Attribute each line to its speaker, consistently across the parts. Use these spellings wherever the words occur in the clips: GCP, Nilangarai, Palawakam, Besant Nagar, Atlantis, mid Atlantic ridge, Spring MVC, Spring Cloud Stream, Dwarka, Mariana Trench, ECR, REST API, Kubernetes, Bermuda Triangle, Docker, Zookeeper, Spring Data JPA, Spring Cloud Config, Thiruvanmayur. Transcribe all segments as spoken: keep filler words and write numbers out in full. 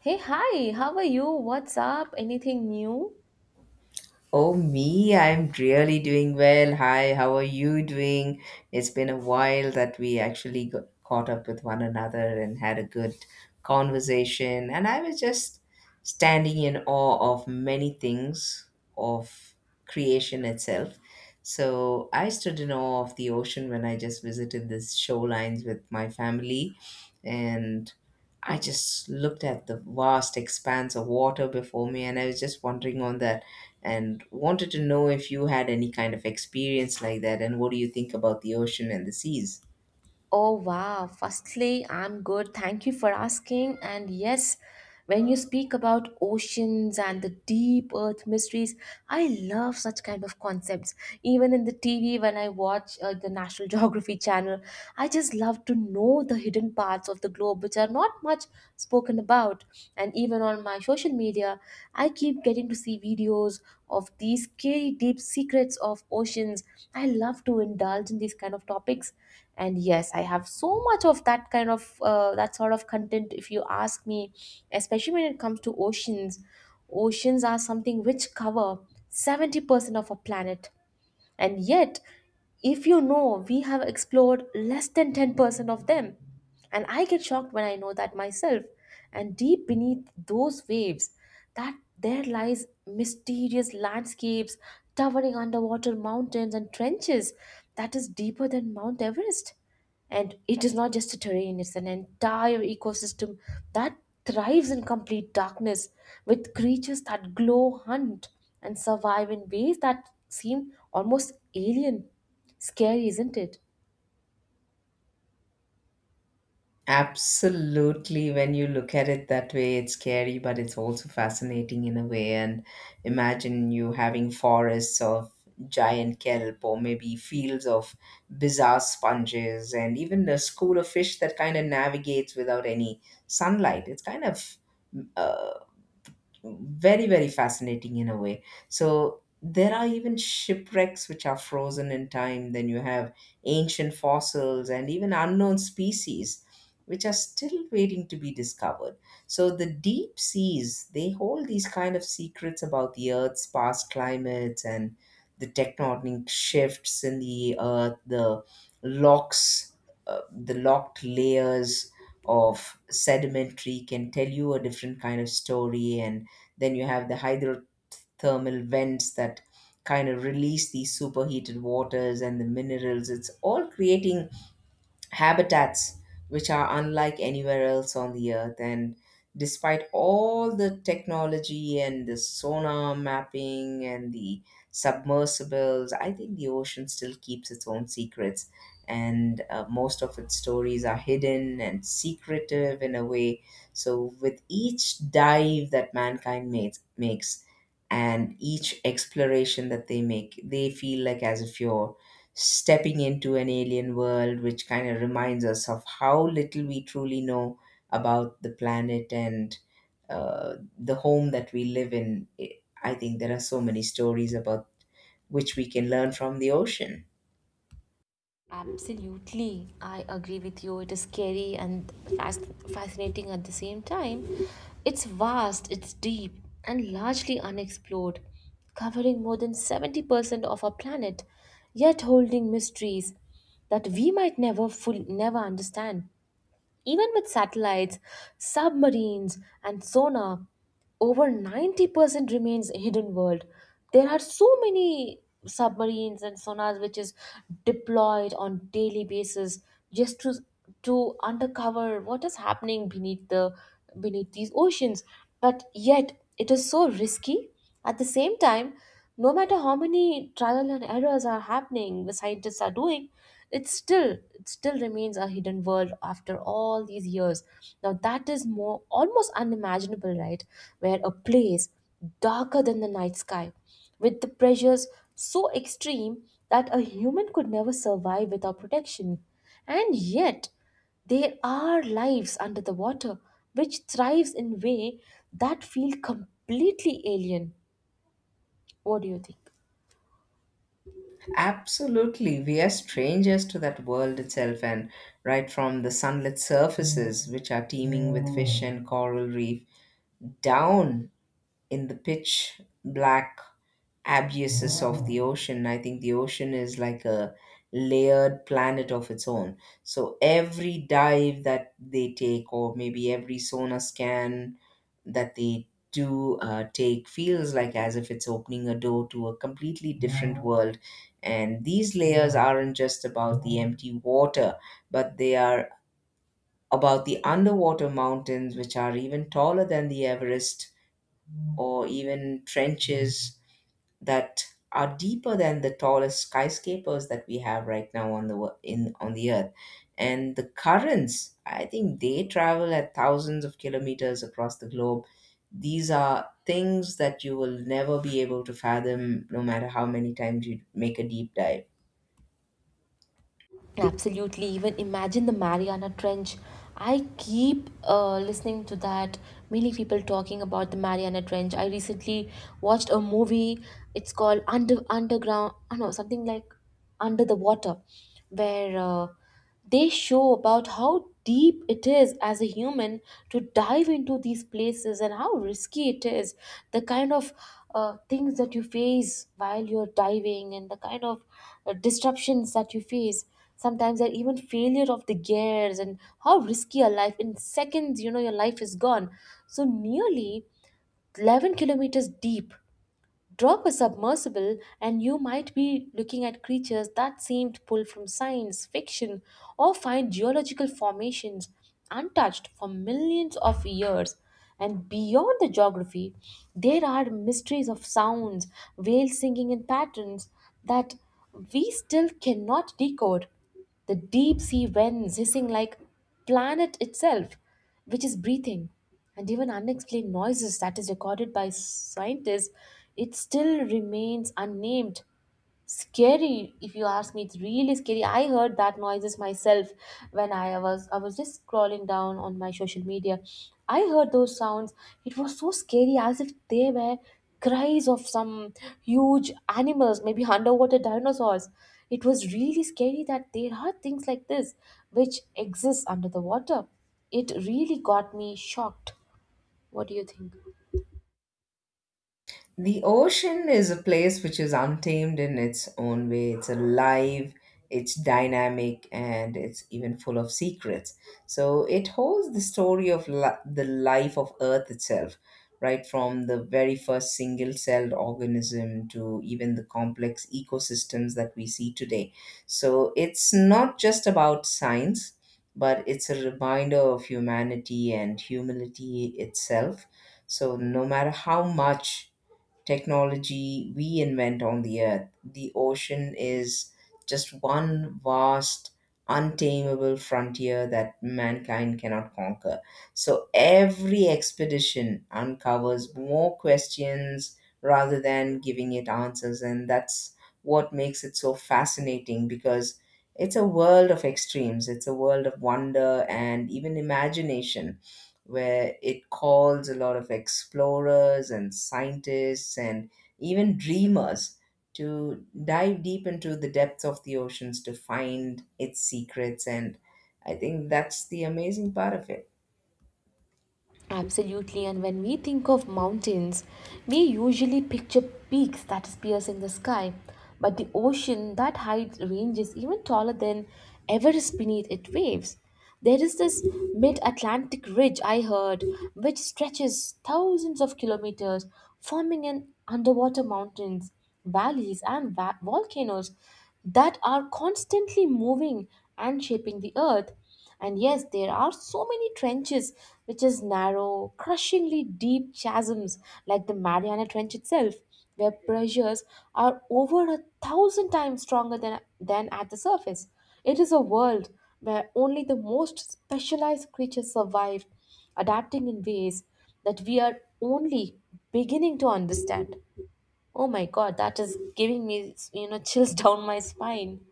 Speaker 1: Hey, hi, how are you? What's up? Anything new?
Speaker 2: Oh, me, I'm really doing well. Hi, how are you doing? It's been a while that we actually got caught up with one another and had a good conversation. And I was just standing in awe of many things of creation itself. So I stood in awe of the ocean when I just visited the shorelines with my family. And I just looked at the vast expanse of water before me, and I was just wondering on that and wanted to know if you had any kind of experience like that and what do you think about the ocean and the seas?
Speaker 1: Oh wow. Firstly, I'm good. Thank you for asking. And yes, when you speak about oceans and the deep earth mysteries, I love such kind of concepts. Even in the T V, when I watch uh, the National Geography channel, I just love to know the hidden parts of the globe which are not much spoken about. And even on my social media, I keep getting to see videos of these scary deep secrets of oceans. I love to indulge in these kind of topics, and yes, I have so much of that kind of uh, that sort of content, if you ask me, especially when it comes to oceans oceans are something which cover seventy percent of a planet, and yet, if you know, we have explored less than ten percent of them. And I get shocked when I know that myself. And deep beneath those waves, that there lies mysterious landscapes, towering underwater mountains and trenches that is deeper than Mount Everest. And it is not just a terrain, it's an entire ecosystem that thrives in complete darkness, with creatures that glow, hunt, and survive in ways that seem almost alien. Scary, isn't it?
Speaker 2: Absolutely. When you look at it that way, it's scary, but it's also fascinating in a way. And imagine you having forests of giant kelp or maybe fields of bizarre sponges and even a school of fish that kind of navigates without any sunlight. It's kind of uh, very very fascinating in a way. So there are even shipwrecks which are frozen in time. Then you have ancient fossils and even unknown species which are still waiting to be discovered. So the deep seas, they hold these kind of secrets about the earth's past climates and the tectonic shifts in the earth. The locks uh, the locked layers of sedimentary can tell you a different kind of story. And then you have the hydrothermal vents that kind of release these superheated waters and the minerals. It's all creating habitats which are unlike anywhere else on the earth. And despite all the technology and the sonar mapping and the submersibles, I think the ocean still keeps its own secrets. And uh, most of its stories are hidden and secretive in a way. So with each dive that mankind makes makes and each exploration that they make, they feel like as if you're stepping into an alien world, which kind of reminds us of how little we truly know about the planet and uh, the home that we live in. I I think there are so many stories about which we can learn from the ocean.
Speaker 1: Absolutely, I agree with you. It is scary and fas- fascinating at the same time. It's vast, it's deep, and largely unexplored, covering more than seventy percent of our planet, yet holding mysteries that we might never full never understand. Even with satellites, submarines, and sonar, over ninety percent remains a hidden world. There are so many submarines and sonars which is deployed on daily basis just to to undercover what is happening beneath the beneath these oceans. But yet it is so risky at the same time, no matter how many trial and errors are happening, the scientists are doing, it still it still remains a hidden world after all these years. Now that is more almost unimaginable, right? Where a place darker than the night sky, with the pressures so extreme that a human could never survive without protection. And yet there are lives under the water which thrives in way that feel completely alien. What do you think?
Speaker 2: Absolutely, we are strangers to that world itself, and right from the sunlit surfaces, which are teeming with fish and coral reef, down in the pitch black abuses of the ocean. I think the ocean is like a layered planet of its own. So every dive that they take, or maybe every sonar scan that they do uh, take, feels like as if it's opening a door to a completely different world. And these layers aren't just about the empty water, but they are about the underwater mountains, which are even taller than the Everest, or even trenches that are deeper than the tallest skyscrapers that we have right now on the wo- in on the earth. And the currents, I think, they travel at thousands of kilometers across the globe. These are things that you will never be able to fathom, no matter how many times you make a deep dive.
Speaker 1: Absolutely. Even imagine the Mariana Trench. I keep uh, listening to that. Many people talking about the Mariana Trench. I recently watched a movie. It's called Under Underground. I know something like Under the Water, where uh, They show about how deep it is as a human to dive into these places and how risky it is. The kind of uh, things that you face while you're diving, and the kind of uh, disruptions that you face. Sometimes there even failure of the gears, and how risky your life in seconds, you know, your life is gone. So nearly eleven kilometers deep, drop a submersible, and you might be looking at creatures that seemed pulled from science fiction, or find geological formations untouched for millions of years. And beyond the geography, there are mysteries of sounds, whales singing in patterns that we still cannot decode, the deep sea winds hissing like planet itself which is breathing, and even unexplained noises that is recorded by scientists, it still remains unnamed. Scary, if you ask me, it's really scary. I heard that noises myself when I was I was just scrolling down on my social media. I heard those sounds. It was so scary, as if they were cries of some huge animals, maybe underwater dinosaurs. It was really scary that there are things like this which exists under the water. It really got me shocked. What do you think?
Speaker 2: The ocean is a place which is untamed in its own way. It's alive, it's dynamic, and it's even full of secrets. So it holds the story of li- the life of Earth itself, right from the very first single celled organism to even the complex ecosystems that we see today. So it's not just about science, but it's a reminder of humanity and humility itself. So no matter how much technology we invent on the earth, the ocean is just one vast, untamable frontier that mankind cannot conquer. So every expedition uncovers more questions rather than giving it answers. And that's what makes it so fascinating, because it's a world of extremes, it's a world of wonder and even imagination, where it calls a lot of explorers and scientists and even dreamers to dive deep into the depths of the oceans to find its secrets. And I think that's the amazing part of it.
Speaker 1: Absolutely, and when we think of mountains, we usually picture peaks that is piercing the sky, but the ocean that height range is even taller than Everest beneath its waves. There is this mid Atlantic ridge I heard, which stretches thousands of kilometers, forming an underwater mountains, valleys, and va- volcanoes that are constantly moving and shaping the earth. And yes, there are so many trenches, which is narrow, crushingly deep chasms like the Mariana Trench itself, where pressures are over a thousand times stronger than, than at the surface. It is a world where only the most specialized creatures survive, adapting in ways that we are only beginning to understand. Oh my god, that is giving me, you know, chills down my spine.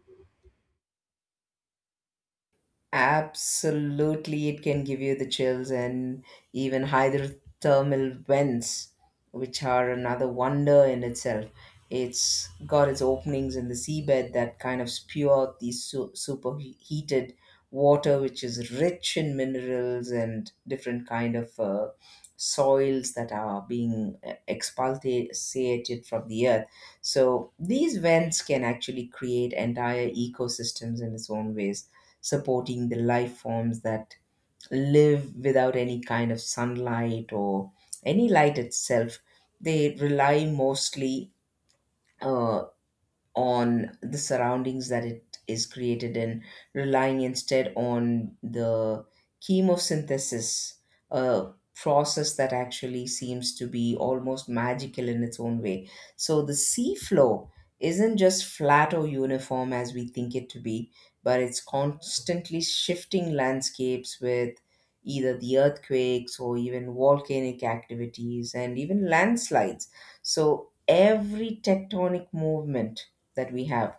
Speaker 2: Absolutely, it can give you the chills, and even hydrothermal vents, which are another wonder in itself. It's got its openings in the seabed that kind of spew out the su- superheated water, which is rich in minerals and different kind of uh, soils that are being uh, expulsated from the earth. So these vents can actually create entire ecosystems in its own ways, supporting the life forms that live without any kind of sunlight or any light itself. They rely mostly uh, on the surroundings that it is created in, relying instead on the chemosynthesis, a process that actually seems to be almost magical in its own way. So the sea floor isn't just flat or uniform as we think it to be, but it's constantly shifting landscapes with either the earthquakes or even volcanic activities and even landslides. So every tectonic movement that we have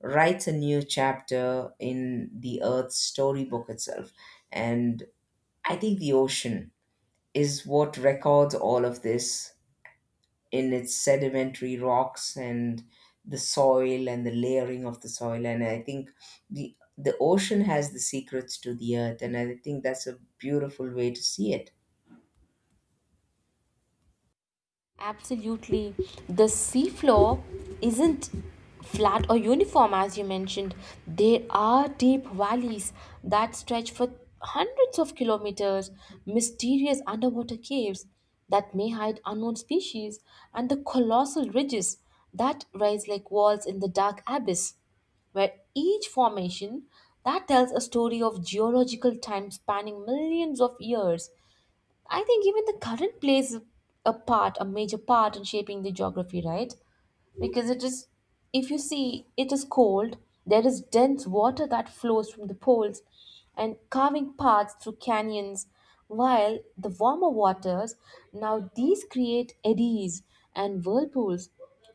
Speaker 2: writes a new chapter in the earth's storybook itself. And I think the ocean is what records all of this in its sedimentary rocks and the soil and the layering of the soil. And I think the the ocean has the secrets to the earth, and I think that's a beautiful way to see it.
Speaker 1: Absolutely. The seafloor isn't flat or uniform, as you mentioned. There are deep valleys that stretch for hundreds of kilometers, mysterious underwater caves that may hide unknown species, and the colossal ridges that rise like walls in the dark abyss, where each formation that tells a story of geological time spanning millions of years. I think even the current plays a part, a major part in shaping the geography, right? Because it is, if you see, it is cold, there is dense water that flows from the poles and carving paths through canyons, while the warmer waters, now these create eddies and whirlpools,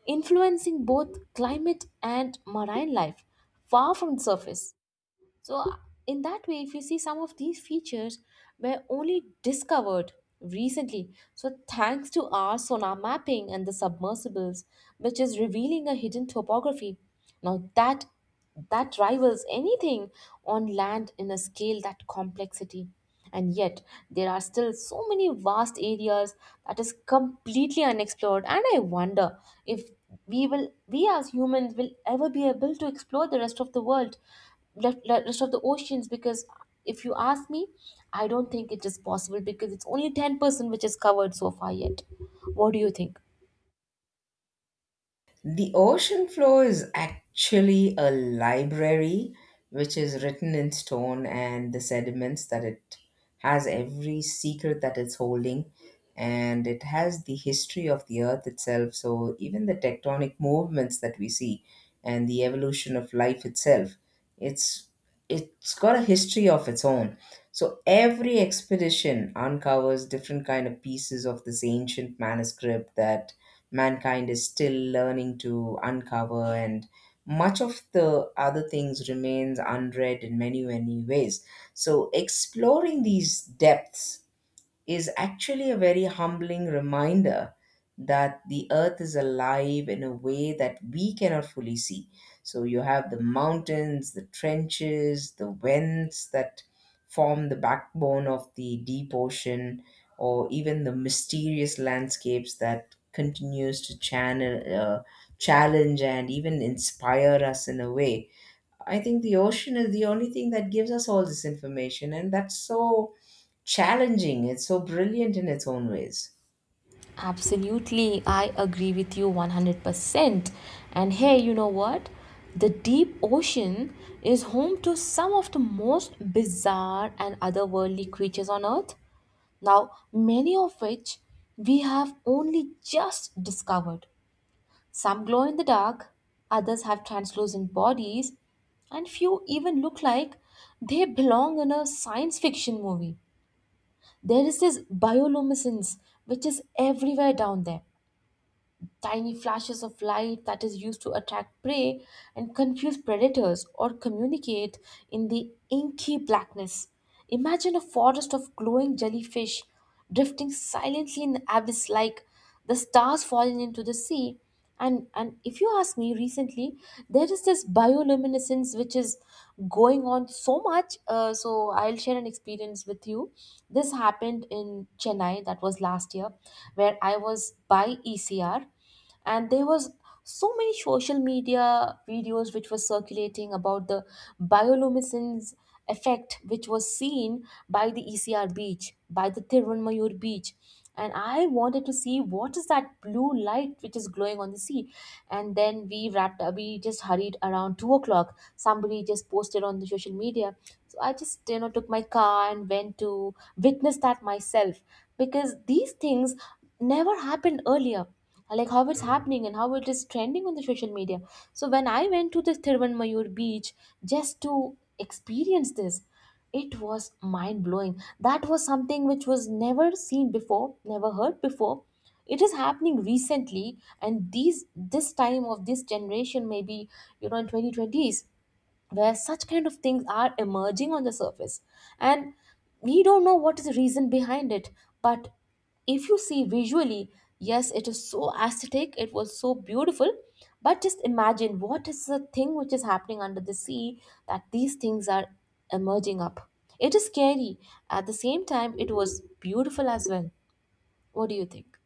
Speaker 1: influencing both climate and marine life far from the surface. So, in that way, if you see some of these features were only discovered recently. So, thanks to our sonar mapping and the submersibles, which is revealing a hidden topography. Now, that that rivals anything on land in a scale that complexity. And yet, there are still so many vast areas that is completely unexplored. And I wonder if we will, we as humans, will ever be able to explore the rest of the world, rest, rest of the oceans, because if you ask me, I don't think it is possible because it's only ten percent which is covered so far yet. What do you think?
Speaker 2: The ocean floor is actually a library which is written in stone, and the sediments that it has, every secret that it's holding, and it has the history of the earth itself. So even the tectonic movements that we see and the evolution of life itself, it's it's got a history of its own. So every expedition uncovers different kind of pieces of this ancient manuscript that mankind is still learning to uncover, and much of the other things remains unread in many many ways. So exploring these depths is actually a very humbling reminder that the earth is alive in a way that we cannot fully see. So you have the mountains, the trenches, the vents that form the backbone of the deep ocean, or even the mysterious landscapes that continues to channel, uh, challenge, and even inspire us in a way. I think the ocean is the only thing that gives us all this information, and that's so challenging. It's so brilliant in its own ways.
Speaker 1: Absolutely, I agree with you one hundred percent. And hey, you know what, the deep ocean is home to some of the most bizarre and otherworldly creatures on earth. Now, many of which we have only just discovered. Some glow in the dark, others have translucent bodies, and few even look like they belong in a science fiction movie. There is this bioluminescence which is everywhere down there. Tiny flashes of light that is used to attract prey and confuse predators or communicate in the inky blackness. Imagine a forest of glowing jellyfish drifting silently in the abyss like the stars falling into the sea. And and if you ask me, recently there is this bioluminescence which is going on so much, uh, so I'll share an experience with you. This happened in Chennai, that was last year, where I was by ECR, and there was so many social media videos which were circulating about the bioluminescence effect which was seen by the E C R beach, by the Tirumayur beach. And I wanted to see what is that blue light which is glowing on the sea. And then we wrapped up, we just hurried around two o'clock. Somebody just posted on the social media. So I just, you know, took my car and went to witness that myself, because these things never happened earlier, like how it's happening and how it is trending on the social media. So when I went to the Thiruvanmayur beach just to experience this, it was mind blowing. That was something which was never seen before, never heard before. It is happening recently, and these this time of this generation, maybe you know, in twenty twenties, where such kind of things are emerging on the surface, and we don't know what is the reason behind it. But if you see visually, yes, it is so aesthetic, it was so beautiful. But just imagine what is the thing which is happening under the sea that these things are emerging up. It is scary, at the same time it was beautiful as well. What do you think?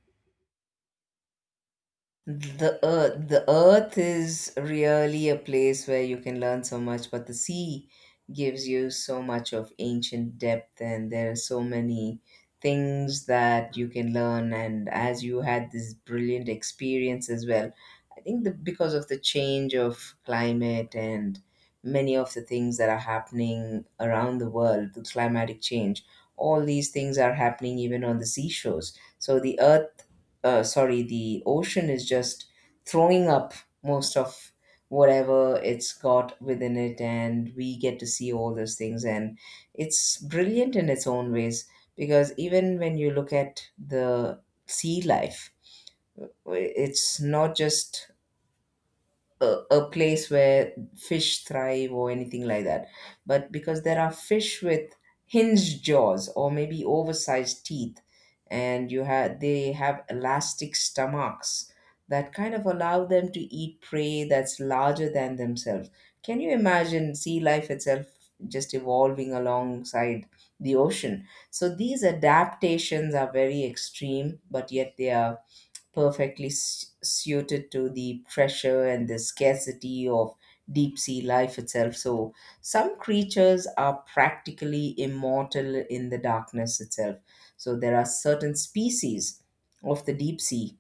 Speaker 2: The earth, the earth is really a place where you can learn so much, but the sea gives you so much of ancient depth, and there are so many things that you can learn. And as you had this brilliant experience as well, I think the, because of the change of climate and many of the things that are happening around the world, the climatic change, all these things are happening even on the seashores. So the earth uh, sorry, the ocean is just throwing up most of whatever it's got within it, and we get to see all those things. And it's brilliant in its own ways, because even when you look at the sea life, it's not just a, a place where fish thrive or anything like that. But because there are fish with hinged jaws or maybe oversized teeth, and you have they have elastic stomachs that kind of allow them to eat prey that's larger than themselves. Can you imagine sea life itself just evolving alongside the ocean? So these adaptations are very extreme, but yet they are perfectly s- suited to the pressure and the scarcity of deep sea life itself. So some creatures are practically immortal in the darkness itself. So there are certain species of the deep sea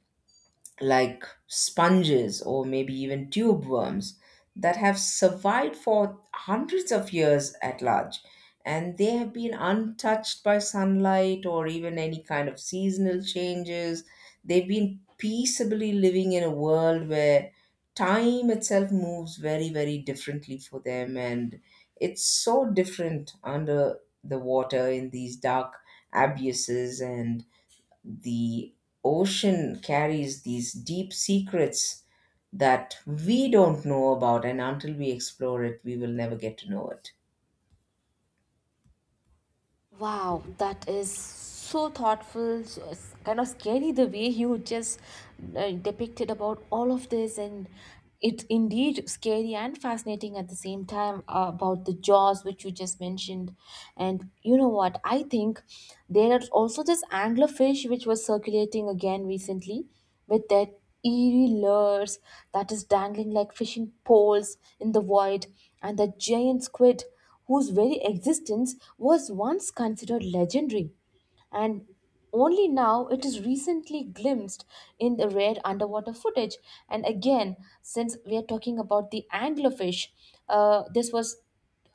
Speaker 2: like sponges or maybe even tube worms that have survived for hundreds of years at large, and they have been untouched by sunlight or even any kind of seasonal changes. They've been peaceably living in a world where time itself moves very very differently for them, and it's so different under the water in these dark abuses. And the ocean carries these deep secrets that we don't know about, and until we explore it we will never get to know it.
Speaker 1: Wow, that is so thoughtful. So it's kind of scary the way you just uh, depicted about all of this, and it's indeed scary and fascinating at the same time, uh, about the jaws which you just mentioned. And you know what? I think there is also this anglerfish which was circulating again recently, with their eerie lures that is dangling like fishing poles in the void, and the giant squid whose very existence was once considered legendary. And only now it is recently glimpsed in the rare underwater footage. And again, since we are talking about the anglerfish, uh, this was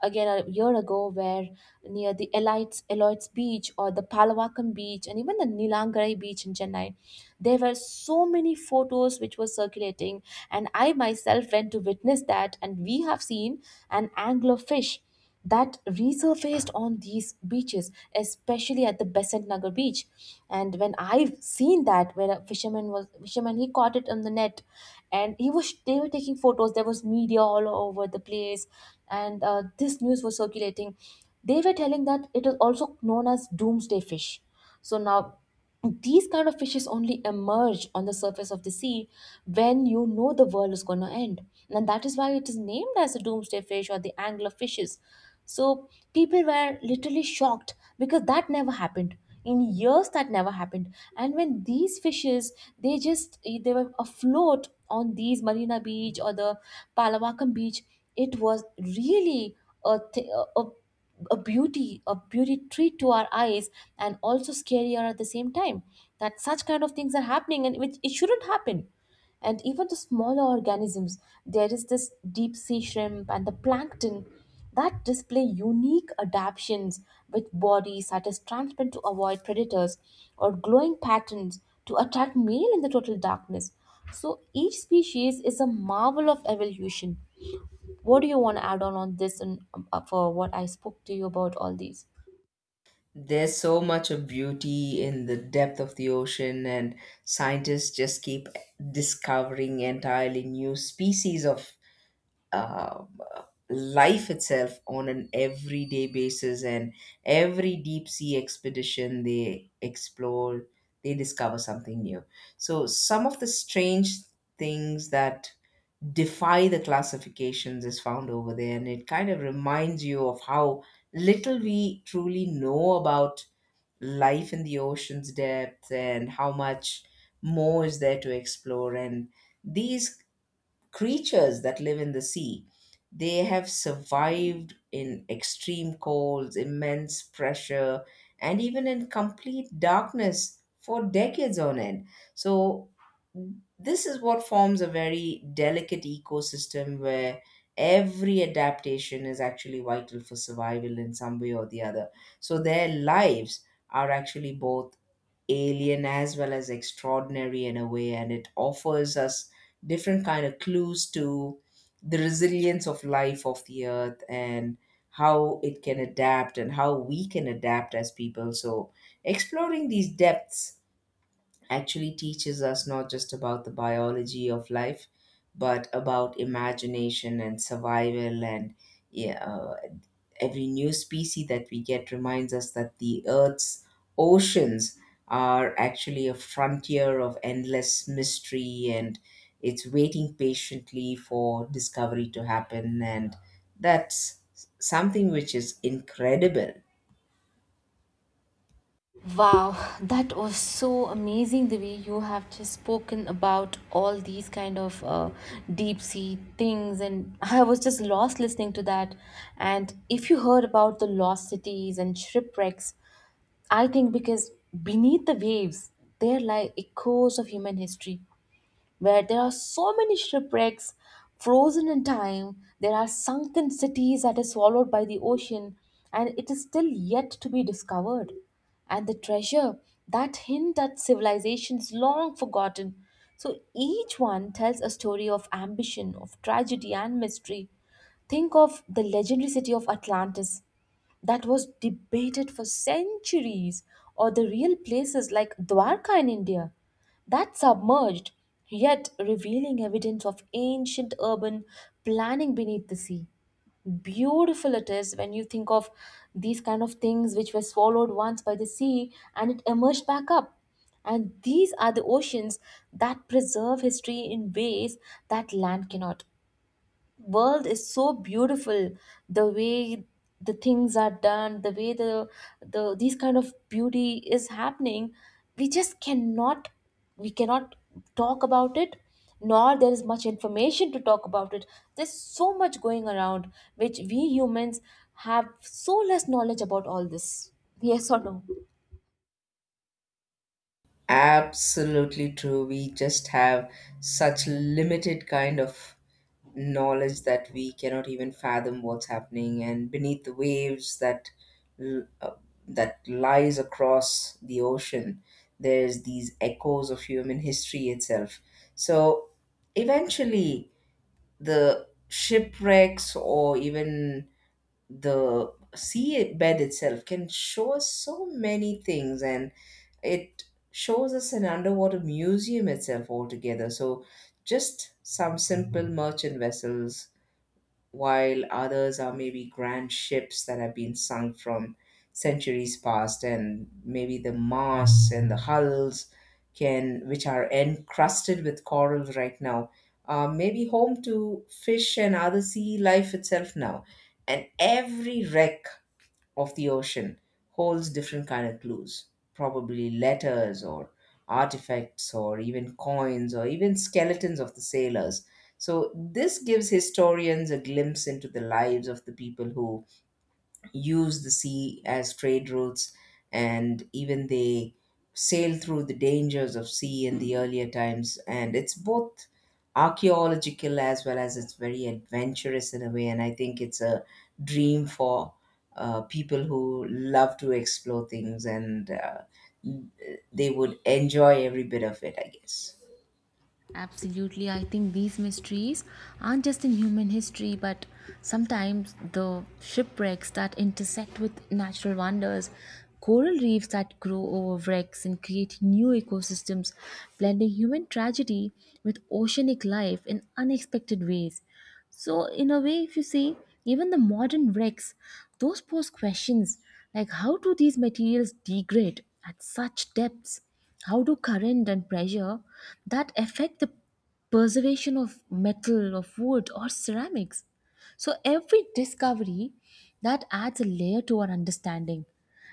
Speaker 1: again a year ago, where near the Elites, Eloits Beach or the Palawakam Beach, and even the Nilangarai Beach in Chennai, there were so many photos which were circulating, and I myself went to witness that, and we have seen an anglerfish that resurfaced on these beaches, especially at the Besant Nagar beach. And when I've seen that, where a fisherman was fisherman, he caught it on the net, and he was they were taking photos. There was media all over the place, and uh, this news was circulating. They were telling that it is also known as doomsday fish. So now these kind of fishes only emerge on the surface of the sea when you know the world is going to end, and that is why it is named as a doomsday fish or the angler fishes. So people were literally shocked because that never happened in years. That never happened. And when these fishes, they just they were afloat on these marina beach or the palawakam beach, it was really a, th- a a a beauty a beauty treat to our eyes, and also scarier at the same time, that such kind of things are happening and which it shouldn't happen. And even the smaller organisms, there is this deep sea shrimp and the plankton that display unique adaptations, with bodies that is transparent to avoid predators, or glowing patterns to attract male in the total darkness. So each species is a marvel of evolution. What do you want to add on on this and um, uh, for what I spoke to you about all these?
Speaker 2: There's so much of beauty in the depth of the ocean, and scientists just keep discovering entirely new species of uh, life itself on an everyday basis. And every deep sea expedition they explore, they discover something new. So some of the strange things that defy the classifications is found over there, and it kind of reminds you of how little we truly know about life in the ocean's depth and how much more is there to explore. And these creatures that live in the sea, they have survived in extreme colds, immense pressure, and even in complete darkness for decades on end. So this is what forms a very delicate ecosystem where every adaptation is actually vital for survival in some way or the other. So, their lives are actually both alien as well as extraordinary in a way, and it offers us different kind of clues to the resilience of life of the earth, and how it can adapt and how we can adapt as people. So exploring these depths actually teaches us not just about the biology of life, but about imagination and survival. And yeah, uh, every new species that we get reminds us that the Earth's oceans are actually a frontier of endless mystery, and it's waiting patiently for discovery to happen. And that's something which is incredible.
Speaker 1: Wow, that was so amazing the way you have just spoken about all these kind of uh, deep sea things, and I was just lost listening to that. And if you heard about the lost cities and shipwrecks, I think because beneath the waves, there lie echoes of human history, where there are so many shipwrecks frozen in time. There are sunken cities that are swallowed by the ocean, and it is still yet to be discovered. And the treasure that hint at civilizations long forgotten. So each one tells a story of ambition, of tragedy, and mystery. Think of the legendary city of Atlantis, that was debated for centuries, or the real places like Dwarka in India that submerged, yet revealing evidence of ancient urban planning beneath the sea. Beautiful it is when you think of these kind of things which were swallowed once by the sea and it emerged back up. And these are the oceans that preserve history in ways that land cannot. World is so beautiful, the way the things are done, the way the the these kind of beauty is happening. We just cannot, we cannot talk about it, nor there is much information to talk about it. There's so much going around which we humans have so less knowledge about all this. Yes or no?
Speaker 2: Absolutely true. We just have such limited kind of knowledge that we cannot even fathom what's happening and beneath the waves, that l- uh, that lies across the ocean. There's these echoes of human history itself. So eventually, the shipwrecks or even the sea bed itself can show us so many things, and it shows us an underwater museum itself altogether. So just some simple merchant vessels, while others are maybe grand ships that have been sunk from centuries past, and maybe the masts and the hulls can which are encrusted with coral right now are maybe home to fish and other sea life itself now. And every wreck of the ocean holds different kind of clues, probably letters or artifacts or even coins or even skeletons of the sailors. So this gives historians a glimpse into the lives of the people who use the sea as trade routes, and even they sail through the dangers of sea in the earlier times. And it's both archaeological as well as it's very adventurous in a way, and I think it's a dream for uh, people who love to explore things, and uh, they would enjoy every bit of it, I guess.
Speaker 1: Absolutely, I think these mysteries aren't just in human history, but sometimes the shipwrecks that intersect with natural wonders, coral reefs that grow over wrecks and create new ecosystems, blending human tragedy with oceanic life in unexpected ways. So, in a way, if you see, even the modern wrecks, those pose questions like how do these materials degrade at such depths? How do current and pressure that affect the preservation of metal, of wood, or ceramics? So, every discovery that adds a layer to our understanding.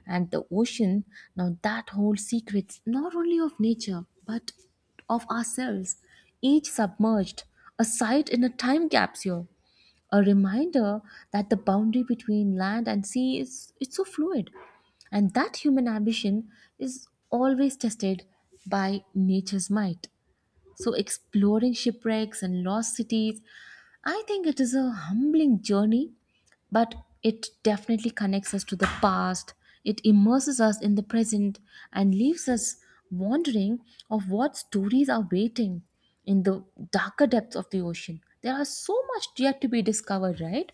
Speaker 1: And the ocean, now that holds secrets not only of nature but of ourselves. Each submerged, a site in a time capsule, a reminder that the boundary between land and sea is it's so fluid. And that human ambition is always tested by nature's might. So, exploring shipwrecks and lost cities, I think it is a humbling journey, but it definitely connects us to the past. It immerses us in the present and leaves us wondering of what stories are waiting in the darker depths of the ocean. There are so much yet to be discovered, right?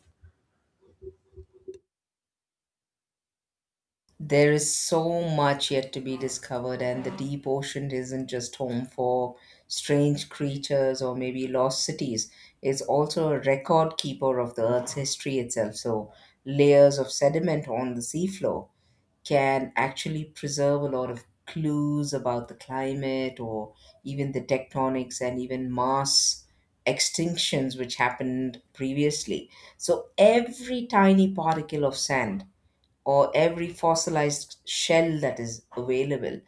Speaker 2: There is so much yet to be discovered, and the deep ocean isn't just home for strange creatures or maybe lost cities. It's also a record keeper of the Earth's history itself. So, layers of sediment on the seafloor can actually preserve a lot of clues about the climate, or even the tectonics and even mass extinctions which happened previously. So, every tiny particle of sand or every fossilized shell that is available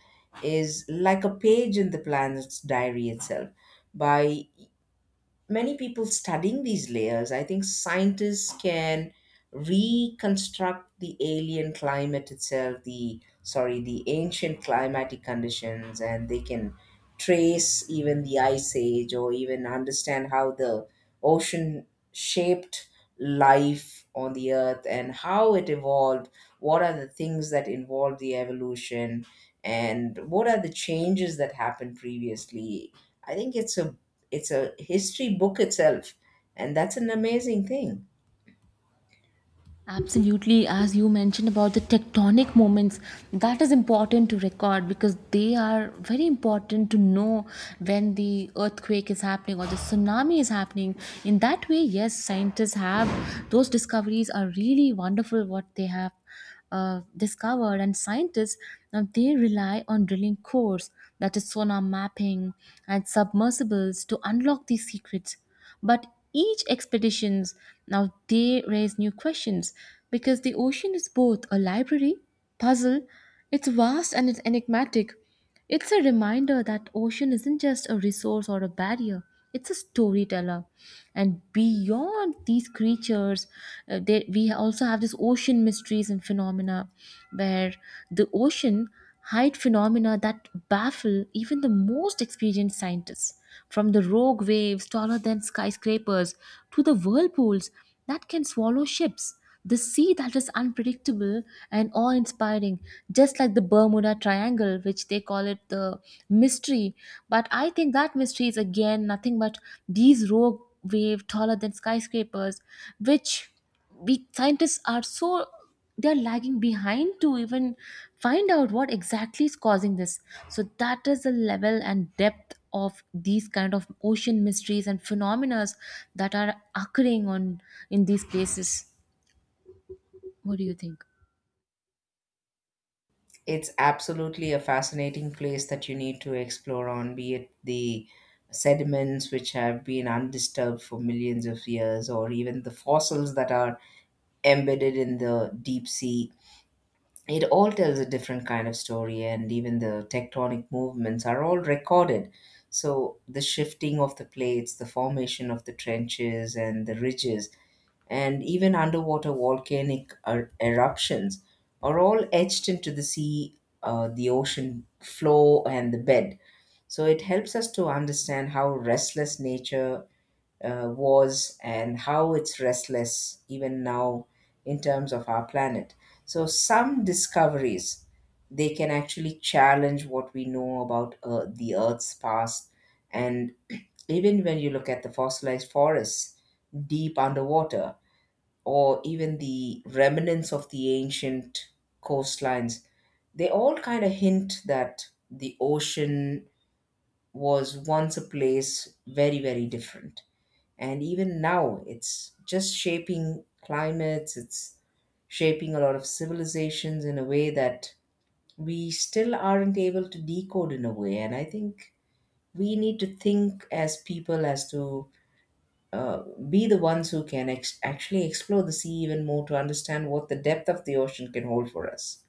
Speaker 2: is like a page in the planet's diary itself. By many people studying these layers, I think scientists can reconstruct the alien climate itself, the sorry, the ancient climatic conditions, and they can trace even the ice age or even understand how the ocean shaped life on the earth and how it evolved, what are the things that involved the evolution and what are the changes that happened previously. I think it's a it's a history book itself, and that's an amazing thing.
Speaker 1: Absolutely, as you mentioned about the tectonic moments, that is important to record because they are very important to know when the earthquake is happening or the tsunami is happening. In that way, yes, scientists have those discoveries are really wonderful what they have uh, discovered. And scientists uh, they rely on drilling cores, that is sonar mapping and submersibles to unlock these secrets. But each expeditions, now they raise new questions, because the ocean is both a library, puzzle, it's vast and it's enigmatic. It's a reminder that ocean isn't just a resource or a barrier, it's a storyteller. And beyond these creatures, uh, there, we also have this ocean mysteries and phenomena where the ocean hide phenomena that baffle even the most experienced scientists. From the rogue waves taller than skyscrapers to the whirlpools that can swallow ships. The sea that is unpredictable and awe inspiring, just like the Bermuda Triangle, which they call it the mystery. But I think that mystery is again nothing but these rogue waves taller than skyscrapers, which we scientists are so they're lagging behind to even find out what exactly is causing this. So that is the level and depth of these kind of ocean mysteries and phenomena that are occurring on in these places. What do you think?
Speaker 2: It's absolutely a fascinating place that you need to explore on, be it the sediments which have been undisturbed for millions of years, or even the fossils that are embedded in the deep sea. It all tells a different kind of story, and even the tectonic movements are all recorded. So the shifting of the plates, the formation of the trenches and the ridges, and even underwater volcanic er- eruptions are all etched into the sea, uh, the ocean floor, and the bed. So it helps us to understand how restless nature uh, was, and how it's restless even now in terms of our planet. So some discoveries they can actually challenge what we know about uh, the Earth's past, and even when you look at the fossilized forests deep underwater, or even the remnants of the ancient coastlines, they all kind of hint that the ocean was once a place very, very different. And even now, it's just shaping climates, it's shaping a lot of civilizations in a way that we still aren't able to decode in a way. And I think we need to think as people as to uh, be the ones who can ex- actually explore the sea even more to understand what the depth of the ocean can hold for us.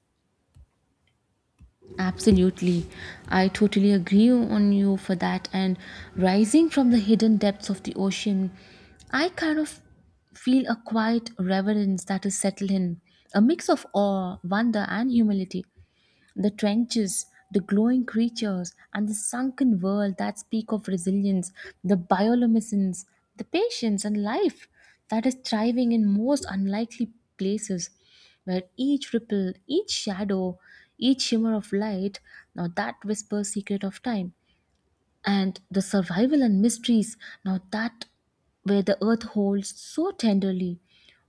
Speaker 1: Absolutely. I totally agree on you for that. And rising from the hidden depths of the ocean, I kind of feel a quiet reverence that is settled in, a mix of awe, wonder, and humility. The trenches, the glowing creatures, and the sunken world that speak of resilience, the bioluminescence, the patience, and life that is thriving in most unlikely places, where each ripple, each shadow, each shimmer of light, now that whispers secret of time and the survival and mysteries now that where the earth holds so tenderly.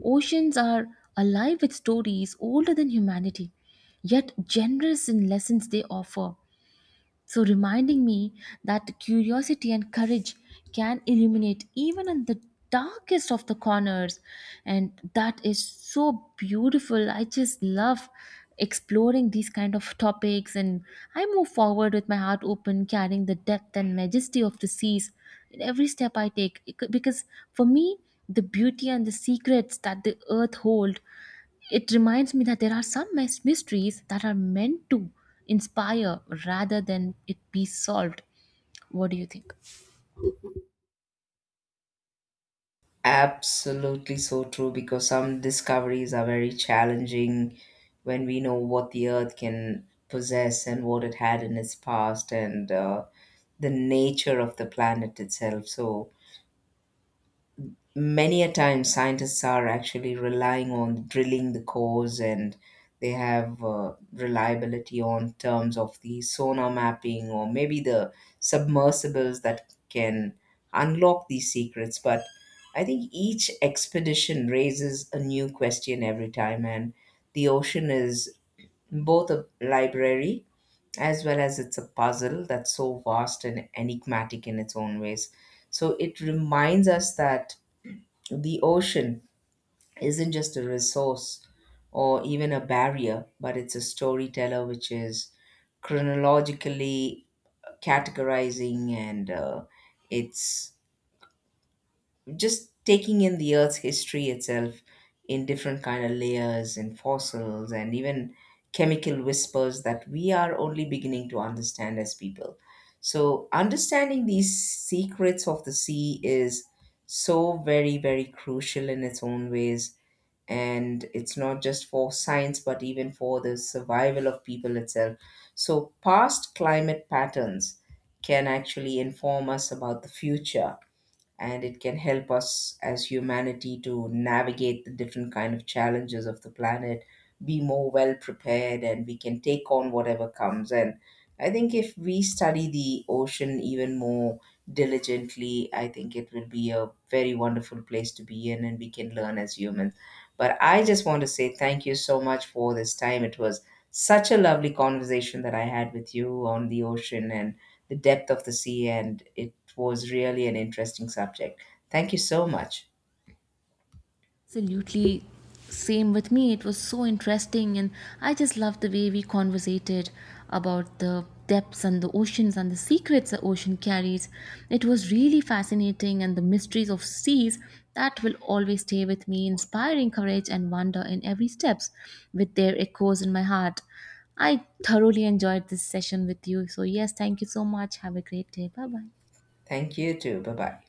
Speaker 1: Oceans are alive with stories older than humanity, yet generous in lessons they offer. So, reminding me that curiosity and courage can illuminate even in the darkest of the corners. And that is so beautiful. I just love exploring these kind of topics, and I move forward with my heart open, carrying the depth and majesty of the seas in every step I take. It could- Because for me, the beauty and the secrets that the earth hold, it reminds me that there are some mys- mysteries that are meant to inspire rather than it be solved. What do you think?
Speaker 2: Absolutely so true, because some discoveries are very challenging when we know what the earth can possess and what it had in its past, and uh, the nature of the planet itself. So, many a time scientists are actually relying on drilling the cores, and they have uh, reliability on terms of the sonar mapping, or maybe the submersibles that can unlock these secrets. But I think each expedition raises a new question every time, and the ocean is both a library as well as it's a puzzle that's so vast and enigmatic in its own ways. So it reminds us that the ocean isn't just a resource or even a barrier, but it's a storyteller which is chronologically categorizing, and uh, it's just taking in the earth's history itself in different kind of layers and fossils and even chemical whispers that we are only beginning to understand as people. So understanding these secrets of the sea is so very, very crucial in its own ways, and it's not just for science, but even for the survival of people itself. So past climate patterns can actually inform us about the future, and it can help us as humanity to navigate the different kind of challenges of the planet, be more well prepared, and we can take on whatever comes. And I think if we study the ocean even more diligently, I think it will be a very wonderful place to be in, and we can learn as humans. But I just want to say thank you so much for this time. It was such a lovely conversation that I had with you on the ocean and the depth of the sea, and it was really an interesting subject. Thank you so much.
Speaker 1: Absolutely. Same with me. It was so interesting, and I just loved the way we conversated about the depths and the oceans and the secrets the ocean carries. It was really fascinating, and the mysteries of seas that will always stay with me, inspiring courage and wonder in every steps, with their echoes in my heart. I thoroughly enjoyed this session with you. So yes, thank you so much. Have a great day. Bye bye.
Speaker 2: Thank you too. Bye bye.